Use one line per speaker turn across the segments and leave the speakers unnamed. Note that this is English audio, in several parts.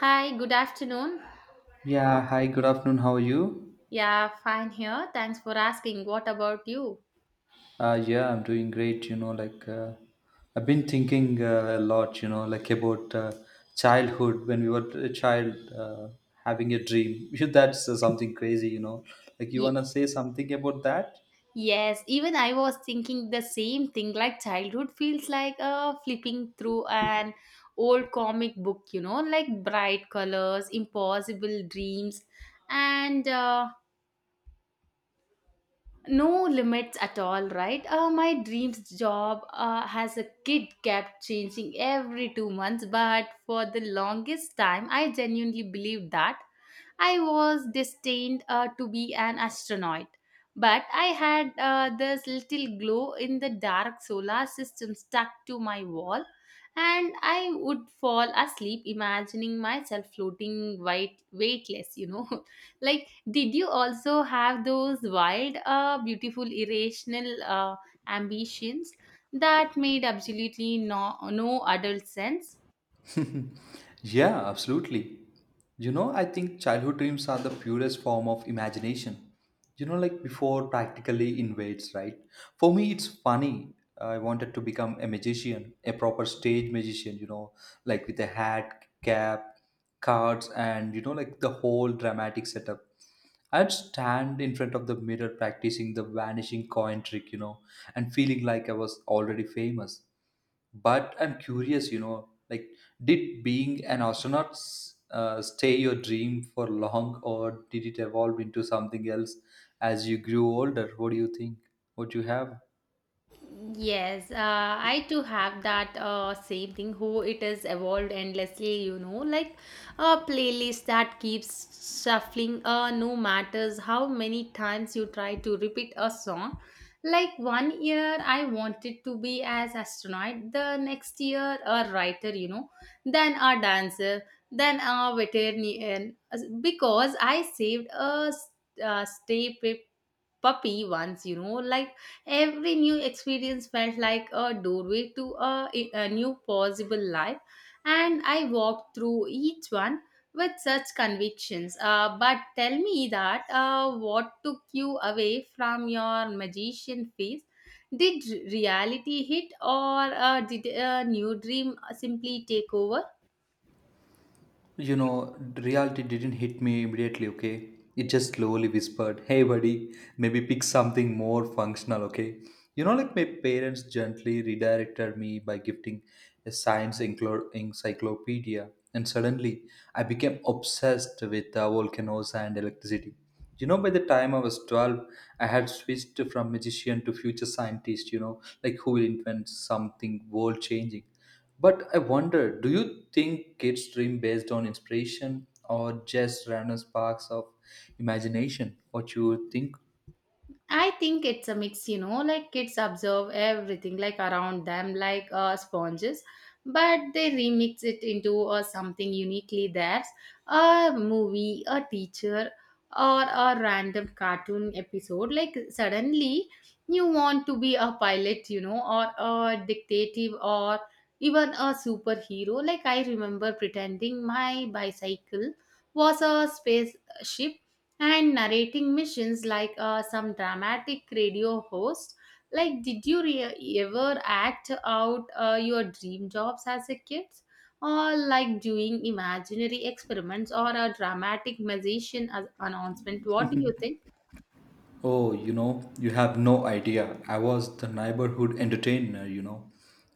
Hi, good afternoon.
Yeah, hi, good afternoon. How are you?
Yeah, fine here. Thanks for asking. What about you?
Yeah, I'm doing great. I've been thinking a lot, like about childhood when we were a child having a dream. That's something crazy. Like, you
Ye-
want to say something about that?
yes, even I was thinking the same thing. Like childhood feels like flipping through an old comic book, you know, like bright colors, impossible dreams, and no limits at all, right? My dreams job has a kid kept changing every 2 months, but for the longest time I genuinely believed that I was destined to be an astronaut. But I had this little glow in the dark solar system stuck to my wall, and I would fall asleep imagining myself floating white weightless, you know. Like, did you also have those wild, beautiful, irrational ambitions that made absolutely no adult sense?
Yeah, absolutely. I think childhood dreams are the purest form of imagination. Like before practically invades, right? For me, it's funny. I wanted to become a magician, a proper stage magician, like with a hat, cap, cards, and, like the whole dramatic setup. I'd stand in front of the mirror practicing the vanishing coin trick, and feeling like I was already famous. But I'm curious, like, did being an astronaut stay your dream for long, or did it evolve into something else as you grew older? What do you think? What you have?
Yes, I too have that same thing. Who it is evolved endlessly, you know, like a playlist that keeps shuffling. No matters how many times you try to repeat a song. Like one year, I wanted to be as astronaut. The next year, a writer, you know, then a dancer, then a veterinarian. Because I saved a, a stay puppy once, you know, like every new experience felt like a doorway to a new possible life, and I walked through each one with such convictions. But tell me that what took you away from your magician phase? Did reality hit, or did a new dream simply take over?
Reality didn't hit me immediately, okay? It just slowly whispered, hey buddy, maybe pick something more functional, okay? Like my parents gently redirected me by gifting a science encyclopedia, and suddenly I became obsessed with volcanoes and electricity. By the time I was 12, I had switched from magician to future scientist, like who will invent something world changing. But I wonder, do you think kids dream based on inspiration or just random sparks of imagination? What you think?
I think it's a mix, you know, like kids observe everything like around them like sponges, but they remix it into something uniquely theirs, a movie, a teacher, or a random cartoon episode. Like suddenly you want to be a pilot, you know, or a dictative or even a superhero. Like, I remember pretending my bicycle was a spaceship and narrating missions like some dramatic radio host. Like, did you ever act out your dream jobs as a kid? Or like doing imaginary experiments or a dramatic magician as announcement? What do you think?
Oh, you have no idea. I was the neighborhood entertainer.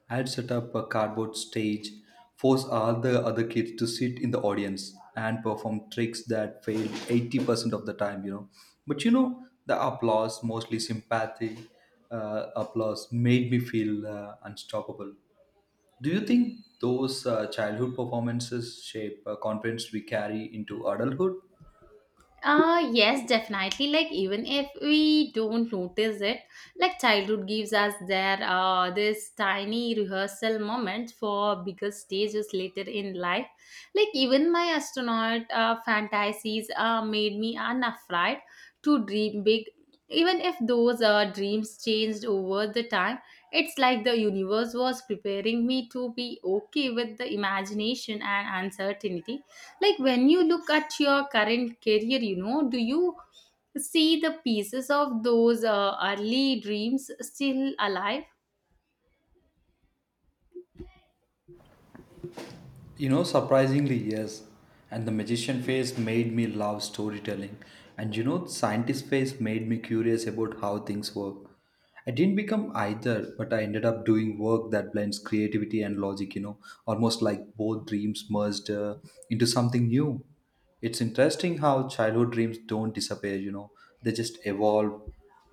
I had set up a cardboard stage, forced all the other kids to sit in the audience and perform tricks that failed 80% of the time. But the applause, mostly sympathy applause, made me feel unstoppable. Do you think those childhood performances shape confidence we carry into adulthood?
Yes, definitely. Like even if we don't notice it, like childhood gives us there this tiny rehearsal moment for bigger stages later in life. Like even my astronaut fantasies made me unafraid to dream big. Even if those dreams changed over the time, it's like the universe was preparing me to be okay with the imagination and uncertainty. Like when you look at your current career, you know, do you see the pieces of those early dreams still alive?
Surprisingly, yes. And the magician face made me love storytelling. And scientist face made me curious about how things work. I didn't become either, but I ended up doing work that blends creativity and logic, almost like both dreams merged into something new. It's interesting how childhood dreams don't disappear, they just evolve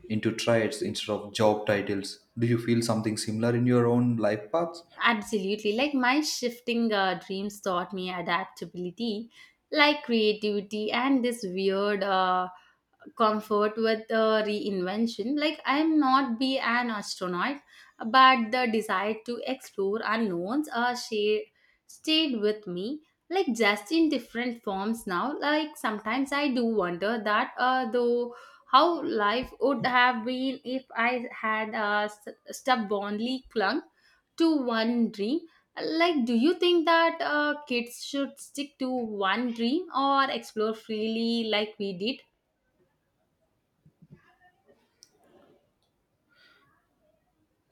into traits instead of job titles. Do you feel something similar in your own life paths?
Absolutely. Like my shifting dreams taught me adaptability, like creativity and this weird comfort with reinvention. Like, I'm not be an astronaut, but the desire to explore unknowns share, stayed with me. Like, just in different forms now. Like sometimes I do wonder that though how life would have been if I had stubbornly clung to one dream. Like, do you think that kids should stick to one dream or explore freely like we did?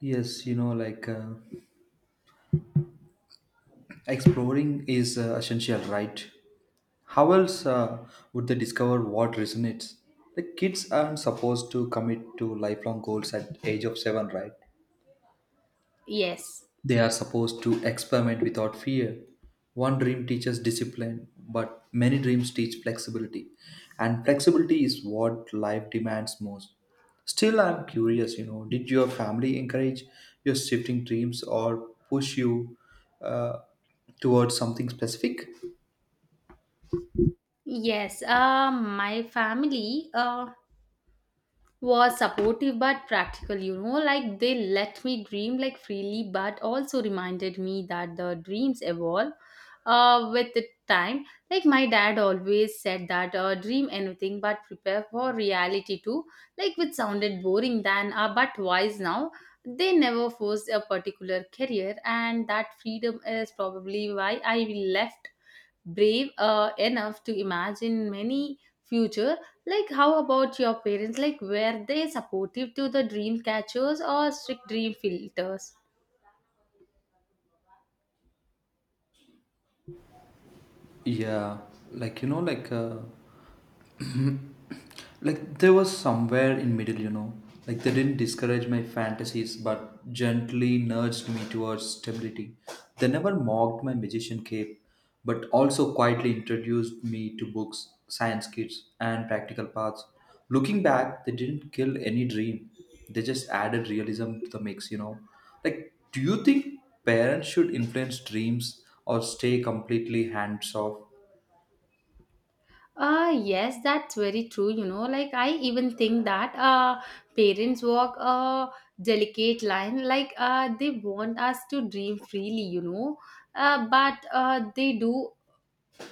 Yes, exploring is essential, right? How else would they discover what resonates? The kids aren't supposed to commit to lifelong goals at age of 7, right?
Yes,
They are supposed to experiment without fear. One dream teaches discipline, but many dreams teach flexibility. And flexibility is what life demands most. Still, I'm curious, did your family encourage your shifting dreams or push you uh, towards something specific?
yes. My family was supportive but practical, you know, like they let me dream like freely, but also reminded me that the dreams evolve with the time. Like my dad always said that dream anything but prepare for reality too, like which sounded boring then, but wise now. They never forced a particular career, and that freedom is probably why I left brave enough to imagine many future. Like, how about your parents? Like, were they supportive to the dream catchers or strict dream filters?
Yeah, like like like there was somewhere in middle, like they didn't discourage my fantasies, but gently nudged me towards stability. They never mocked my magician cape, but also quietly introduced me to books, science kits, and practical paths. Looking back, they didn't kill any dream; they just added realism to the mix. Like, do you think parents should influence dreams or stay completely hands off?
Yes, that's very true. You know, like I even think that parents walk a delicate line. Like they want us to dream freely, you know, but they do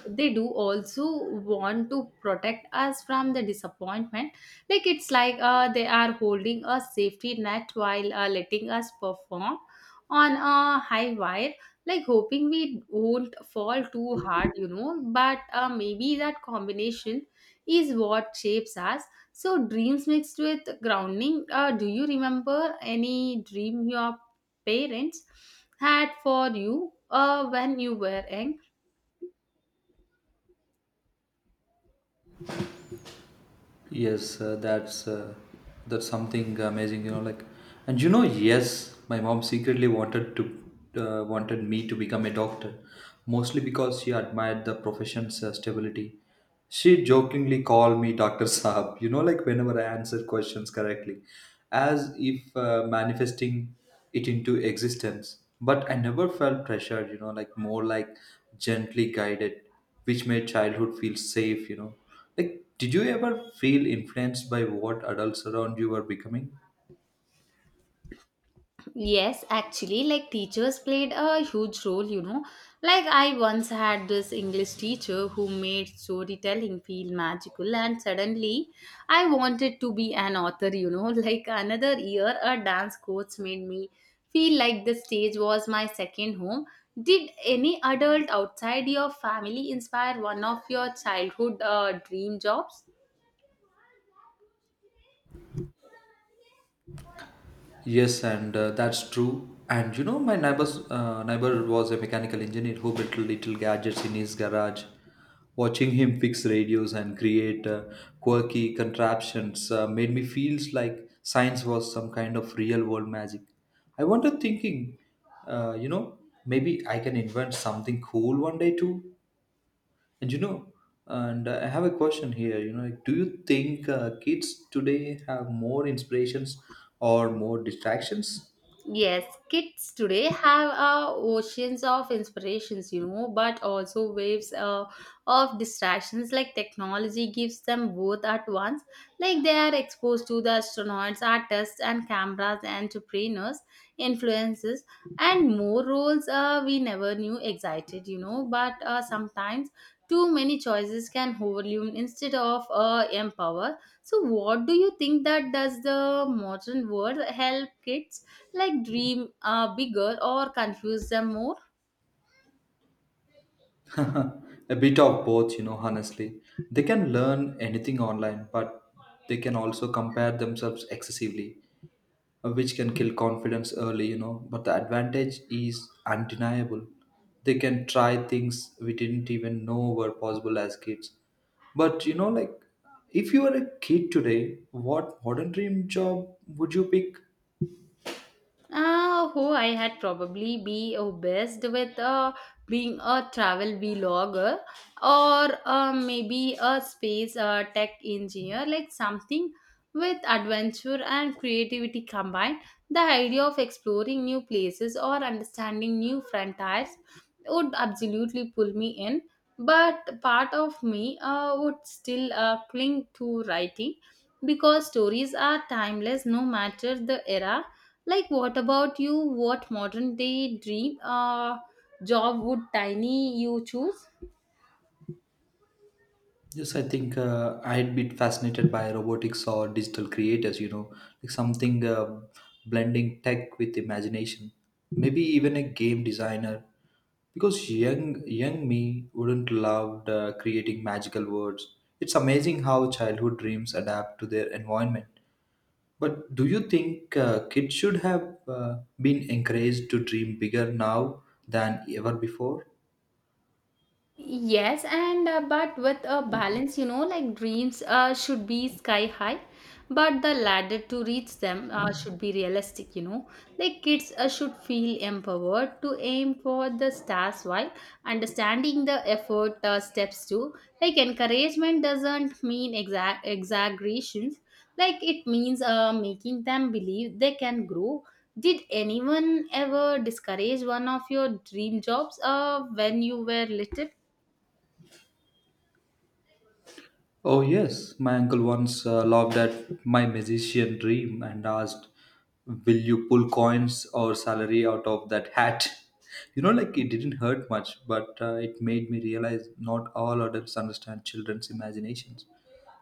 they do also want to protect us from the disappointment. Like, it's like they are holding a safety net while letting us perform on a high wire, like hoping we won't fall too hard, you know. But maybe that combination is what shapes us, so dreams mixed with grounding. Do you remember any dream your parents had for you when you were young?
Yes, that's something amazing. Like, yes, my mom secretly wanted me to become a doctor, mostly because she admired the profession's stability. She jokingly called me Doctor Saab, like whenever I answered questions correctly, as if manifesting it into existence. But I never felt pressured, like more like gently guided, which made childhood feel safe. Like, did you ever feel influenced by what adults around you were becoming?
Yes, actually, like teachers played a huge role, you know. Like, I once had this English teacher who made storytelling feel magical, and suddenly I wanted to be an author, you know. Like, another year, a dance coach made me feel like the stage was my second home. Did any adult outside your family inspire one of your childhood dream jobs?
Yes, and that's true. And my neighbor's neighbor was a mechanical engineer who built little gadgets in his garage. Watching him fix radios and create quirky contraptions made me feel like science was some kind of real world magic. I wonder, thinking, uh, you know, maybe I can invent something cool one day too. And you know, and I have a question here. Do you think kids today have more inspirations or more distractions?
Yes, kids today have oceans of inspirations, you know, but also waves of distractions. Like technology gives them both at once. Like they are exposed to the astronauts, artists, and cameras, entrepreneurs, influences, and more roles we never knew excited, you know. But sometimes too many choices can overwhelm instead of empower. So, what do you think that does the modern world help kids like dream bigger or confuse them more?
A bit of both, honestly. They can learn anything online, but they can also compare themselves excessively. Which can kill confidence early. But the advantage is undeniable. They can try things we didn't even know were possible as kids. But like if you were a kid today, what modern dream job would you pick?
Who I had probably be obsessed with being a travel vlogger or maybe a space tech engineer, like something with adventure and creativity combined. The idea of exploring new places or understanding new frontiers would absolutely pull me in, but part of me would still cling to writing because stories are timeless no matter the era. Like, what about you? What modern day dream job would tiny you choose?
Yes, I think I'd be fascinated by robotics or digital creators, like something blending tech with imagination. Maybe even a game designer, because young me wouldn't love creating magical words. It's amazing how childhood dreams adapt to their environment. But do you think kids should have been encouraged to dream bigger now than ever before?
Yes, and but with a balance, you know, like dreams should be sky high, but the ladder to reach them should be realistic, you know. Like kids should feel empowered to aim for the stars while understanding the effort steps too. Like encouragement doesn't mean exact exaggerations, like it means making them believe they can grow. Did anyone ever discourage one of your dream jobs when you were little?
Oh, yes. My uncle once laughed at my magician dream and asked, "Will you pull coins or salary out of that hat?" It didn't hurt much, but it made me realize not all adults understand children's imaginations.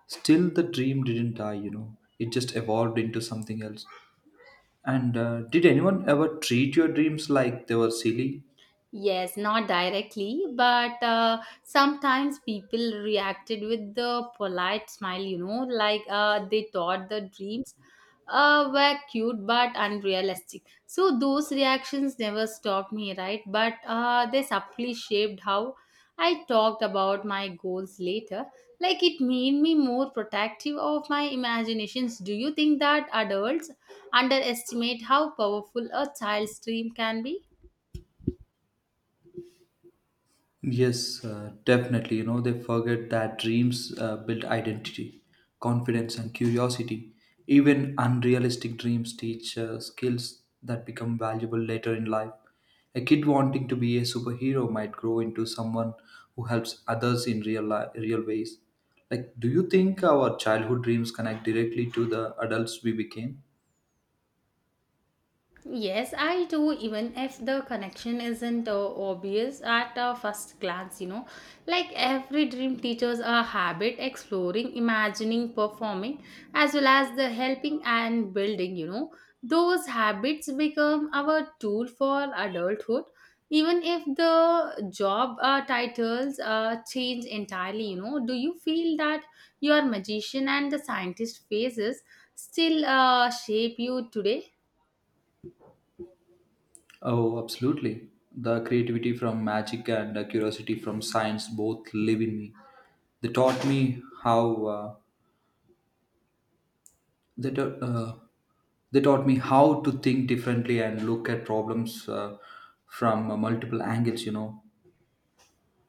Still, the dream didn't die, it just evolved into something else. And did anyone ever treat your dreams like they were silly?
Yes, not directly, but sometimes people reacted with the polite smile, you know, like they thought the dreams were cute but unrealistic. So those reactions never stopped me, right? But they subtly shaped how I talked about my goals later. Like, it made me more protective of my imaginations. Do you think that adults underestimate how powerful a child's dream can be?
Yes, definitely. They forget that dreams build identity, confidence, and curiosity. Even unrealistic dreams teach skills that become valuable later in life. A kid wanting to be a superhero might grow into someone who helps others in real life, real ways. Like, do you think our childhood dreams connect directly to the adults we became?
Yes, I do, even if the connection isn't obvious at a first glance, you know. Like every dream teaches a habit, exploring, imagining, performing, as well as the helping and building, you know. Those habits become our tool for adulthood, even if the job titles change entirely, you know. Do you feel that your magician and the scientist phases still shape you today?
Oh, absolutely. The creativity from magic and the curiosity from science both live in me. They taught me how uh, they, ta- uh, they taught me how to think differently and look at problems from multiple angles.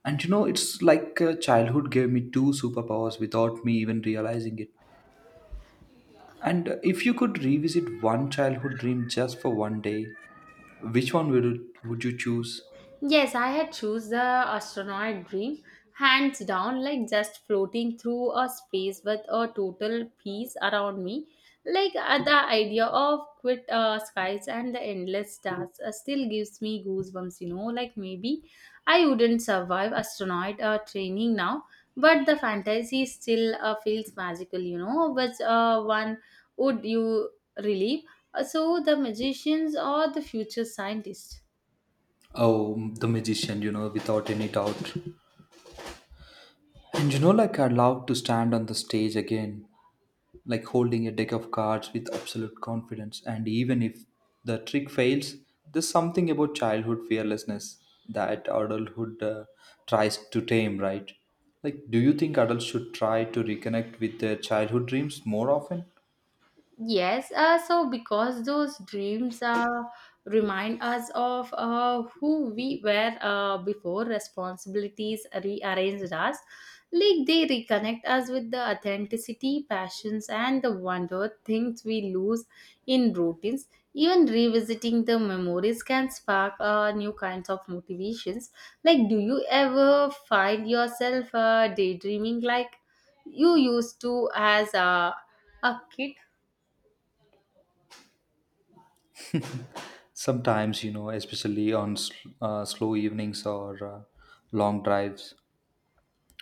It's like childhood gave me two superpowers without me even realizing it. And if you could revisit one childhood dream just for one day, which one would you choose?
Yes, I had choose the astronaut dream, hands down, like just floating through a space with a total peace around me. Like the idea of quit skies and the endless stars still gives me goosebumps, you know. Like maybe I wouldn't survive astronaut training now, but the fantasy still feels magical, you know. Which one would you relieve? So the magicians or the future scientists?
Oh, the magician, without any doubt. And I love to stand on the stage again, like holding a deck of cards with absolute confidence. And even if the trick fails, there's something about childhood fearlessness that adulthood tries to tame, right? Like, do you think adults should try to reconnect with their childhood dreams more often?
Yes, so because those dreams remind us of who we were before responsibilities rearranged us, like they reconnect us with the authenticity, passions, and the wonder things we lose in routines. Even revisiting the memories can spark new kinds of motivations. Like, do you ever find yourself daydreaming like you used to as a kid?
Sometimes, especially on slow evenings or long drives.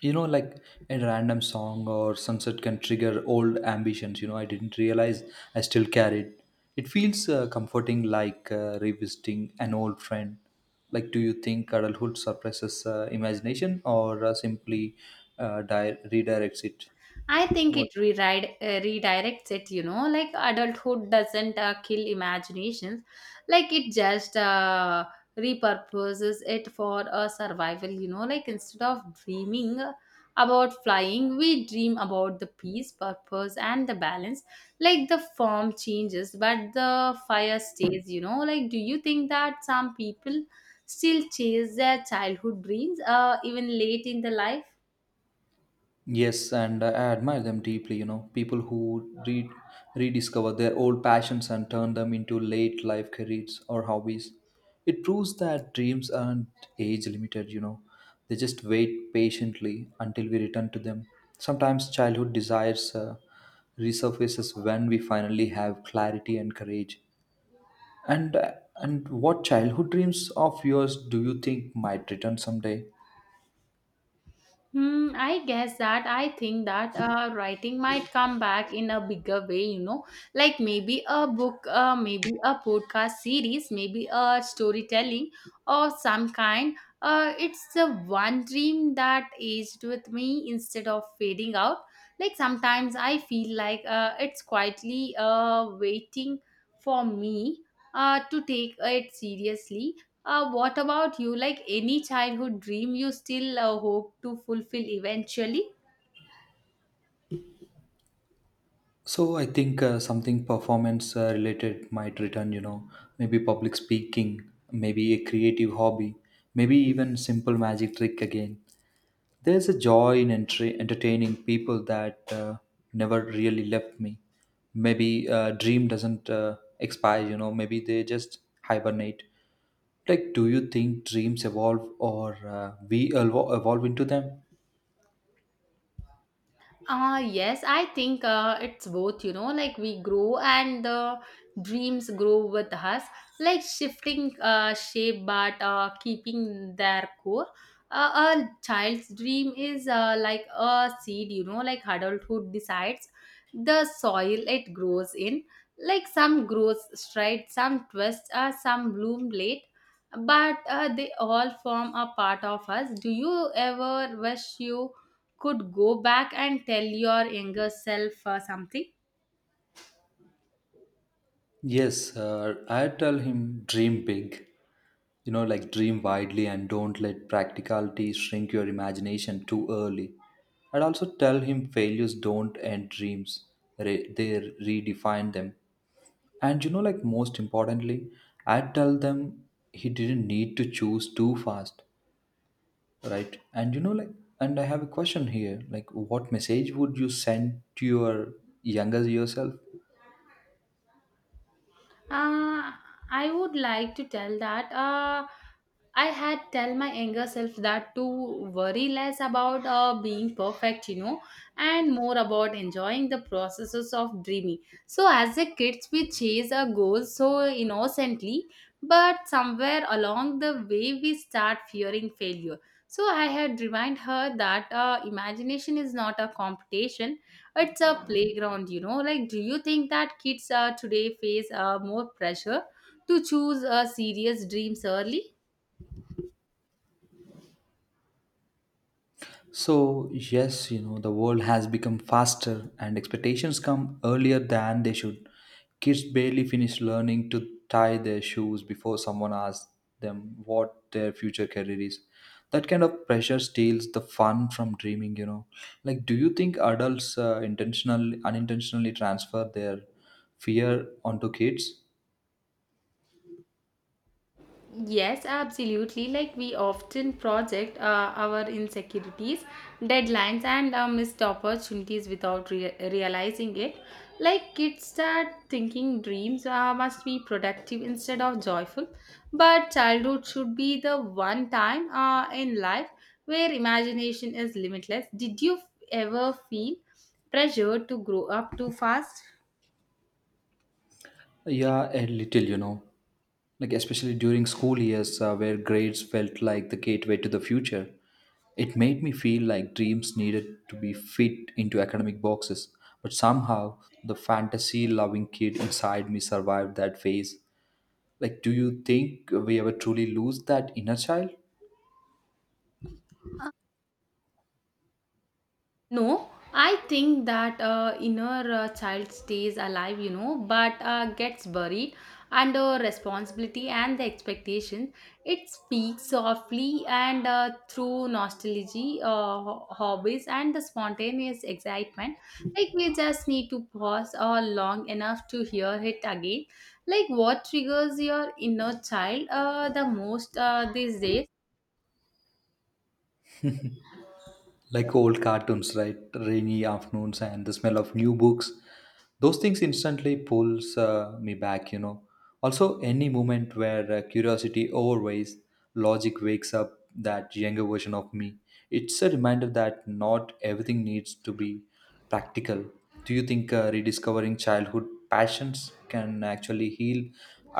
you know like a random song or sunset can trigger old ambitions. I didn't realize I still carried it. Feels comforting, like revisiting an old friend. Like, do you think adulthood suppresses imagination or simply redirects it?
I think
What?
it rewrite, redirects it, you know, like adulthood doesn't kill imaginations, like it just repurposes it for a survival, you know, like instead of dreaming about flying, we dream about the peace, purpose, and the balance. Like the form changes, but the fire stays, you know. Like, do you think that some people still chase their childhood dreams, even late in the life?
Yes, and I admire them deeply, people who read, rediscover their old passions and turn them into late life careers or hobbies. It proves that dreams aren't age limited, they just wait patiently until we return to them. Sometimes childhood desires resurfaces when we finally have clarity and courage. And and what childhood dreams of yours do you think might return someday?
Hmm, I guess that I think that writing might come back in a bigger way, you know, like maybe a book, maybe a podcast series, maybe a storytelling or some kind. It's the one dream that aged with me instead of fading out. Like sometimes I feel like it's quietly waiting for me to take it seriously. What about you? Like, any childhood dream you still hope to fulfill eventually?
So I think something performance related might return, maybe public speaking, maybe a creative hobby, maybe even simple magic trick again. There's a joy in entertaining people that never really left me. Maybe dream doesn't expire, maybe they just hibernate. Like, do you think dreams evolve or we evolve into them?
Yes, I think it's both, you know, like we grow and the dreams grow with us, like shifting shape but keeping their core. A child's dream is like a seed, you know, like adulthood decides the soil it grows in. Like some grows straight, some twist, some bloom late, but they all form a part of us. Do you ever wish you could go back and tell your younger self something?
Yes, I tell him dream big. Dream widely and don't let practicality shrink your imagination too early. I'd also tell him failures don't end dreams, they redefine them. And most importantly, I'd tell them he didn't need to choose too fast, right? And you know, like, and I have a question here like, what message would you send to your younger yourself?
Uh, I would like to tell that I had tell my younger self that to worry less about being perfect, you know, and more about enjoying the processes of dreaming. So as a kids, we chase our goals so innocently, but somewhere along the way, we start fearing failure. So I had remind her that imagination is not a competition. It's a playground, you know. Like, do you think that kids today face more pressure to choose serious dreams early?
So, yes, the world has become faster and expectations come earlier than they should. Kids barely finish learning to tie their shoes before someone asks them what their future career is. That kind of pressure steals the fun from dreaming. Like, do you think adults intentionally, unintentionally transfer their fear onto kids?
Yes, absolutely. Like we often project our insecurities, deadlines, and missed opportunities without realizing it. Like kids start thinking dreams must be productive instead of joyful, but childhood should be the one time in life where imagination is limitless. Did you ever feel pressure to grow up too fast?
Yeah, a little. Like, especially during school years, where grades felt like the gateway to the future, it made me feel like dreams needed to be fit into academic boxes. But somehow, the fantasy loving kid inside me survived that phase. Like, do you think we ever truly lose that inner child?
No, I think that inner child stays alive, you know, but gets buried under responsibility and the expectation. It speaks softly and through nostalgia, hobbies, and the spontaneous excitement. Like we just need to pause or long enough to hear it again. Like what triggers your inner child the most these days?
Old cartoons, right, rainy afternoons, and the smell of new books, those things instantly pulls me back. Also any moment where curiosity overweighs logic wakes up that younger version of me. It's a reminder that not everything needs to be practical. Do you think rediscovering childhood passions can actually heal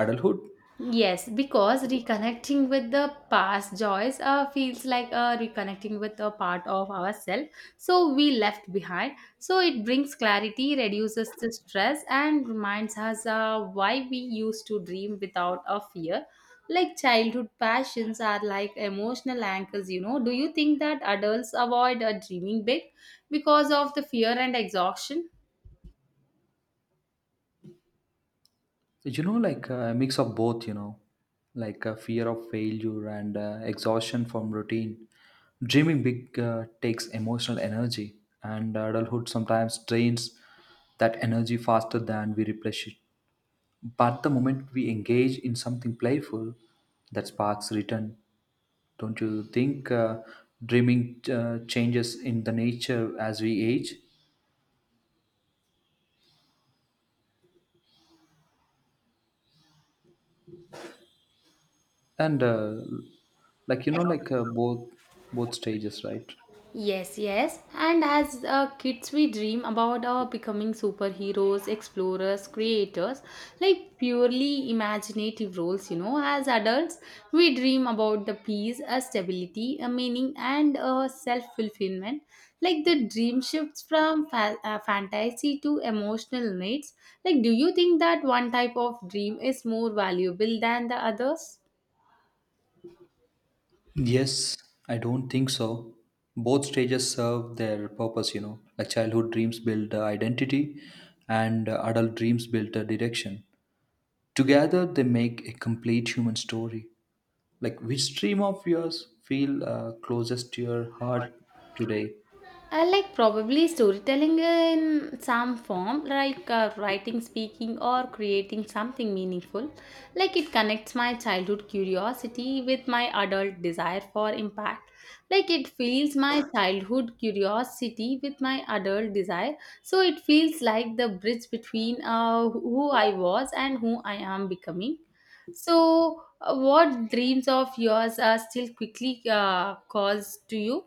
adulthood?
Yes, because reconnecting with the past joys feels like reconnecting with a part of ourselves so we left behind. So it brings clarity, reduces the stress, and reminds us why we used to dream without a fear. Like childhood passions are like emotional anchors, you know. Do you think that adults avoid dreaming big because of the fear and exhaustion?
A mix of both, like a fear of failure and exhaustion from routine. Dreaming big takes emotional energy, and adulthood sometimes drains that energy faster than we replenish it. But the moment we engage in something playful, that sparks return. Don't you think dreaming changes in the nature as we age? And like you know like both both stages, right?
Yes, yes. And as kids, we dream about our becoming superheroes, explorers, creators, like purely imaginative roles, you know. As adults, we dream about the peace, a stability, a meaning, and a self fulfillment. Like the dream shifts from fantasy to emotional needs. Like, do you think that one type of dream is more valuable than the others?
Yes, I don't think so. Both stages serve their purpose, Like childhood dreams build identity and adult dreams build a direction. Together, they make a complete human story. Like which stream of yours feel closest to your heart today?
I like probably storytelling in some form, like writing, speaking, or creating something meaningful. Like it connects my childhood curiosity with my adult desire for impact. Like it feels my childhood curiosity with my adult desire. So it feels like the bridge between who I was and who I am becoming. So, what dreams of yours are still quickly caused to you?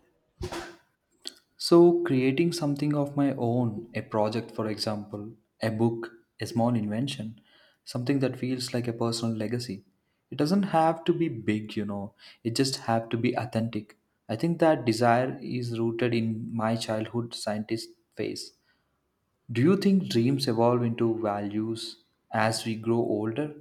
So, creating something of my own, a project, for example, a book, a small invention, something that feels like a personal legacy. It doesn't have to be big, it just have to be authentic. I think that desire is rooted in my childhood scientist phase. Do you think dreams evolve into values as we grow older?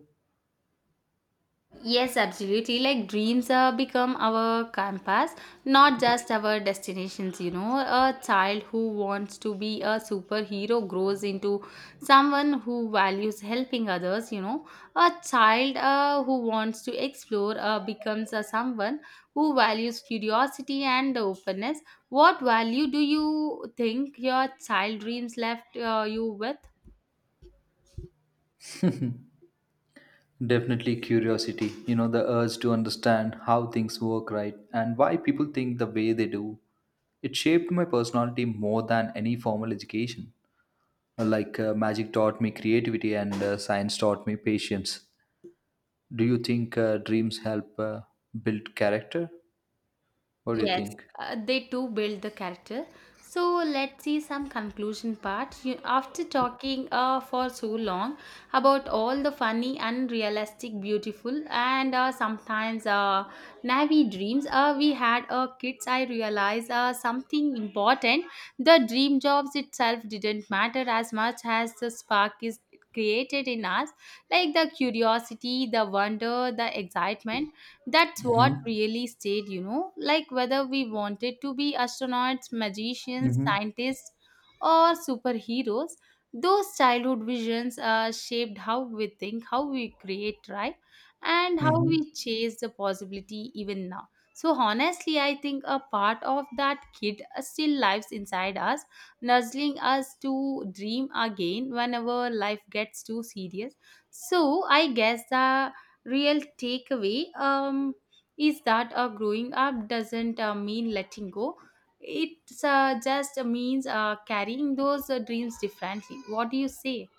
Yes, absolutely. Like dreams become our compass, not just our destinations. You know, a child who wants to be a superhero grows into someone who values helping others. You know, a child who wants to explore becomes someone who values curiosity and openness. What value do you think your child dreams left you with?
Definitely curiosity, the urge to understand how things work, right? And why people think the way they do. It shaped my personality more than any formal education. Like magic taught me creativity and science taught me patience. Do you think dreams help build character? What do you
Yes,
think?
they too build the character. So let's see some conclusion part. You, after talking for so long about all the funny, unrealistic, beautiful, and sometimes naive dreams we had kids, I realized something important. The dream jobs itself didn't matter as much as the spark is created in us, like the curiosity, the wonder, the excitement, that's what
Mm-hmm.
really stayed, you know, like whether we wanted to be astronauts, magicians,
Mm-hmm.
scientists, or superheroes, those childhood visions shaped how we think, how we create, right? And how
Mm-hmm.
we chase the possibility even now. So, honestly, I think a part of that kid still lives inside us, nudging us to dream again whenever life gets too serious. So, I guess the real takeaway is that growing up doesn't mean letting go. It just means carrying those dreams differently. What do you say?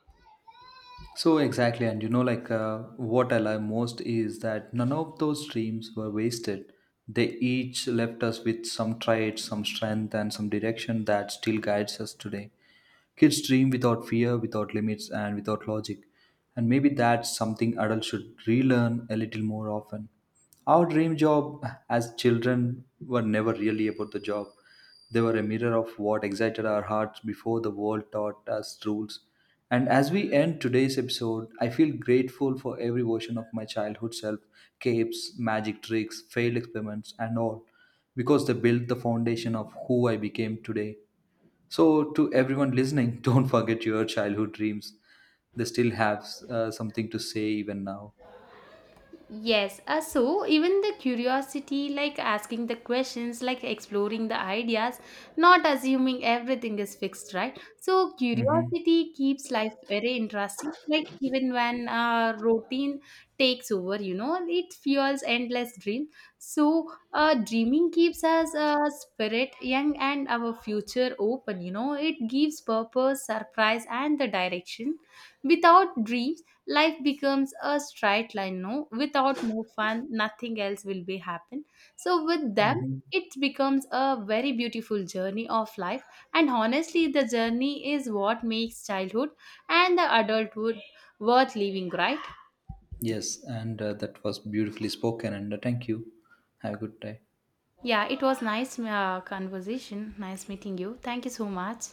So exactly, and like what I love most is that none of those dreams were wasted. They each left us with some traits, some strength, and some direction that still guides us today. Kids dream without fear, without limits, and without logic. And maybe that's something adults should relearn a little more often. Our dream job as children were never really about the job. They were a mirror of what excited our hearts before the world taught us rules. And as we end today's episode, I feel grateful for every version of my childhood self, capes, magic tricks, failed experiments, and all, because they built the foundation of who I became today. So, to everyone listening, don't forget your childhood dreams. They still have something to say even now.
Yes, so even the curiosity, like asking the questions, like exploring the ideas, not assuming everything is fixed, right? So
Mm-hmm.
curiosity keeps life very interesting. Like even when routine takes over, you know, it fuels endless dreams. So dreaming keeps us spirit young and our future open. You know, it gives purpose, surprise, and the direction. Without dreams, life becomes a straight line, no without more fun, nothing else will be happen. So with them,
Mm-hmm.
it becomes a very beautiful journey of life, and honestly, the journey is what makes childhood and the adulthood worth living, right?
Yes, and that was beautifully spoken. And thank you. Have a good day.
Yeah, it was nice conversation. Nice meeting you. Thank you so much.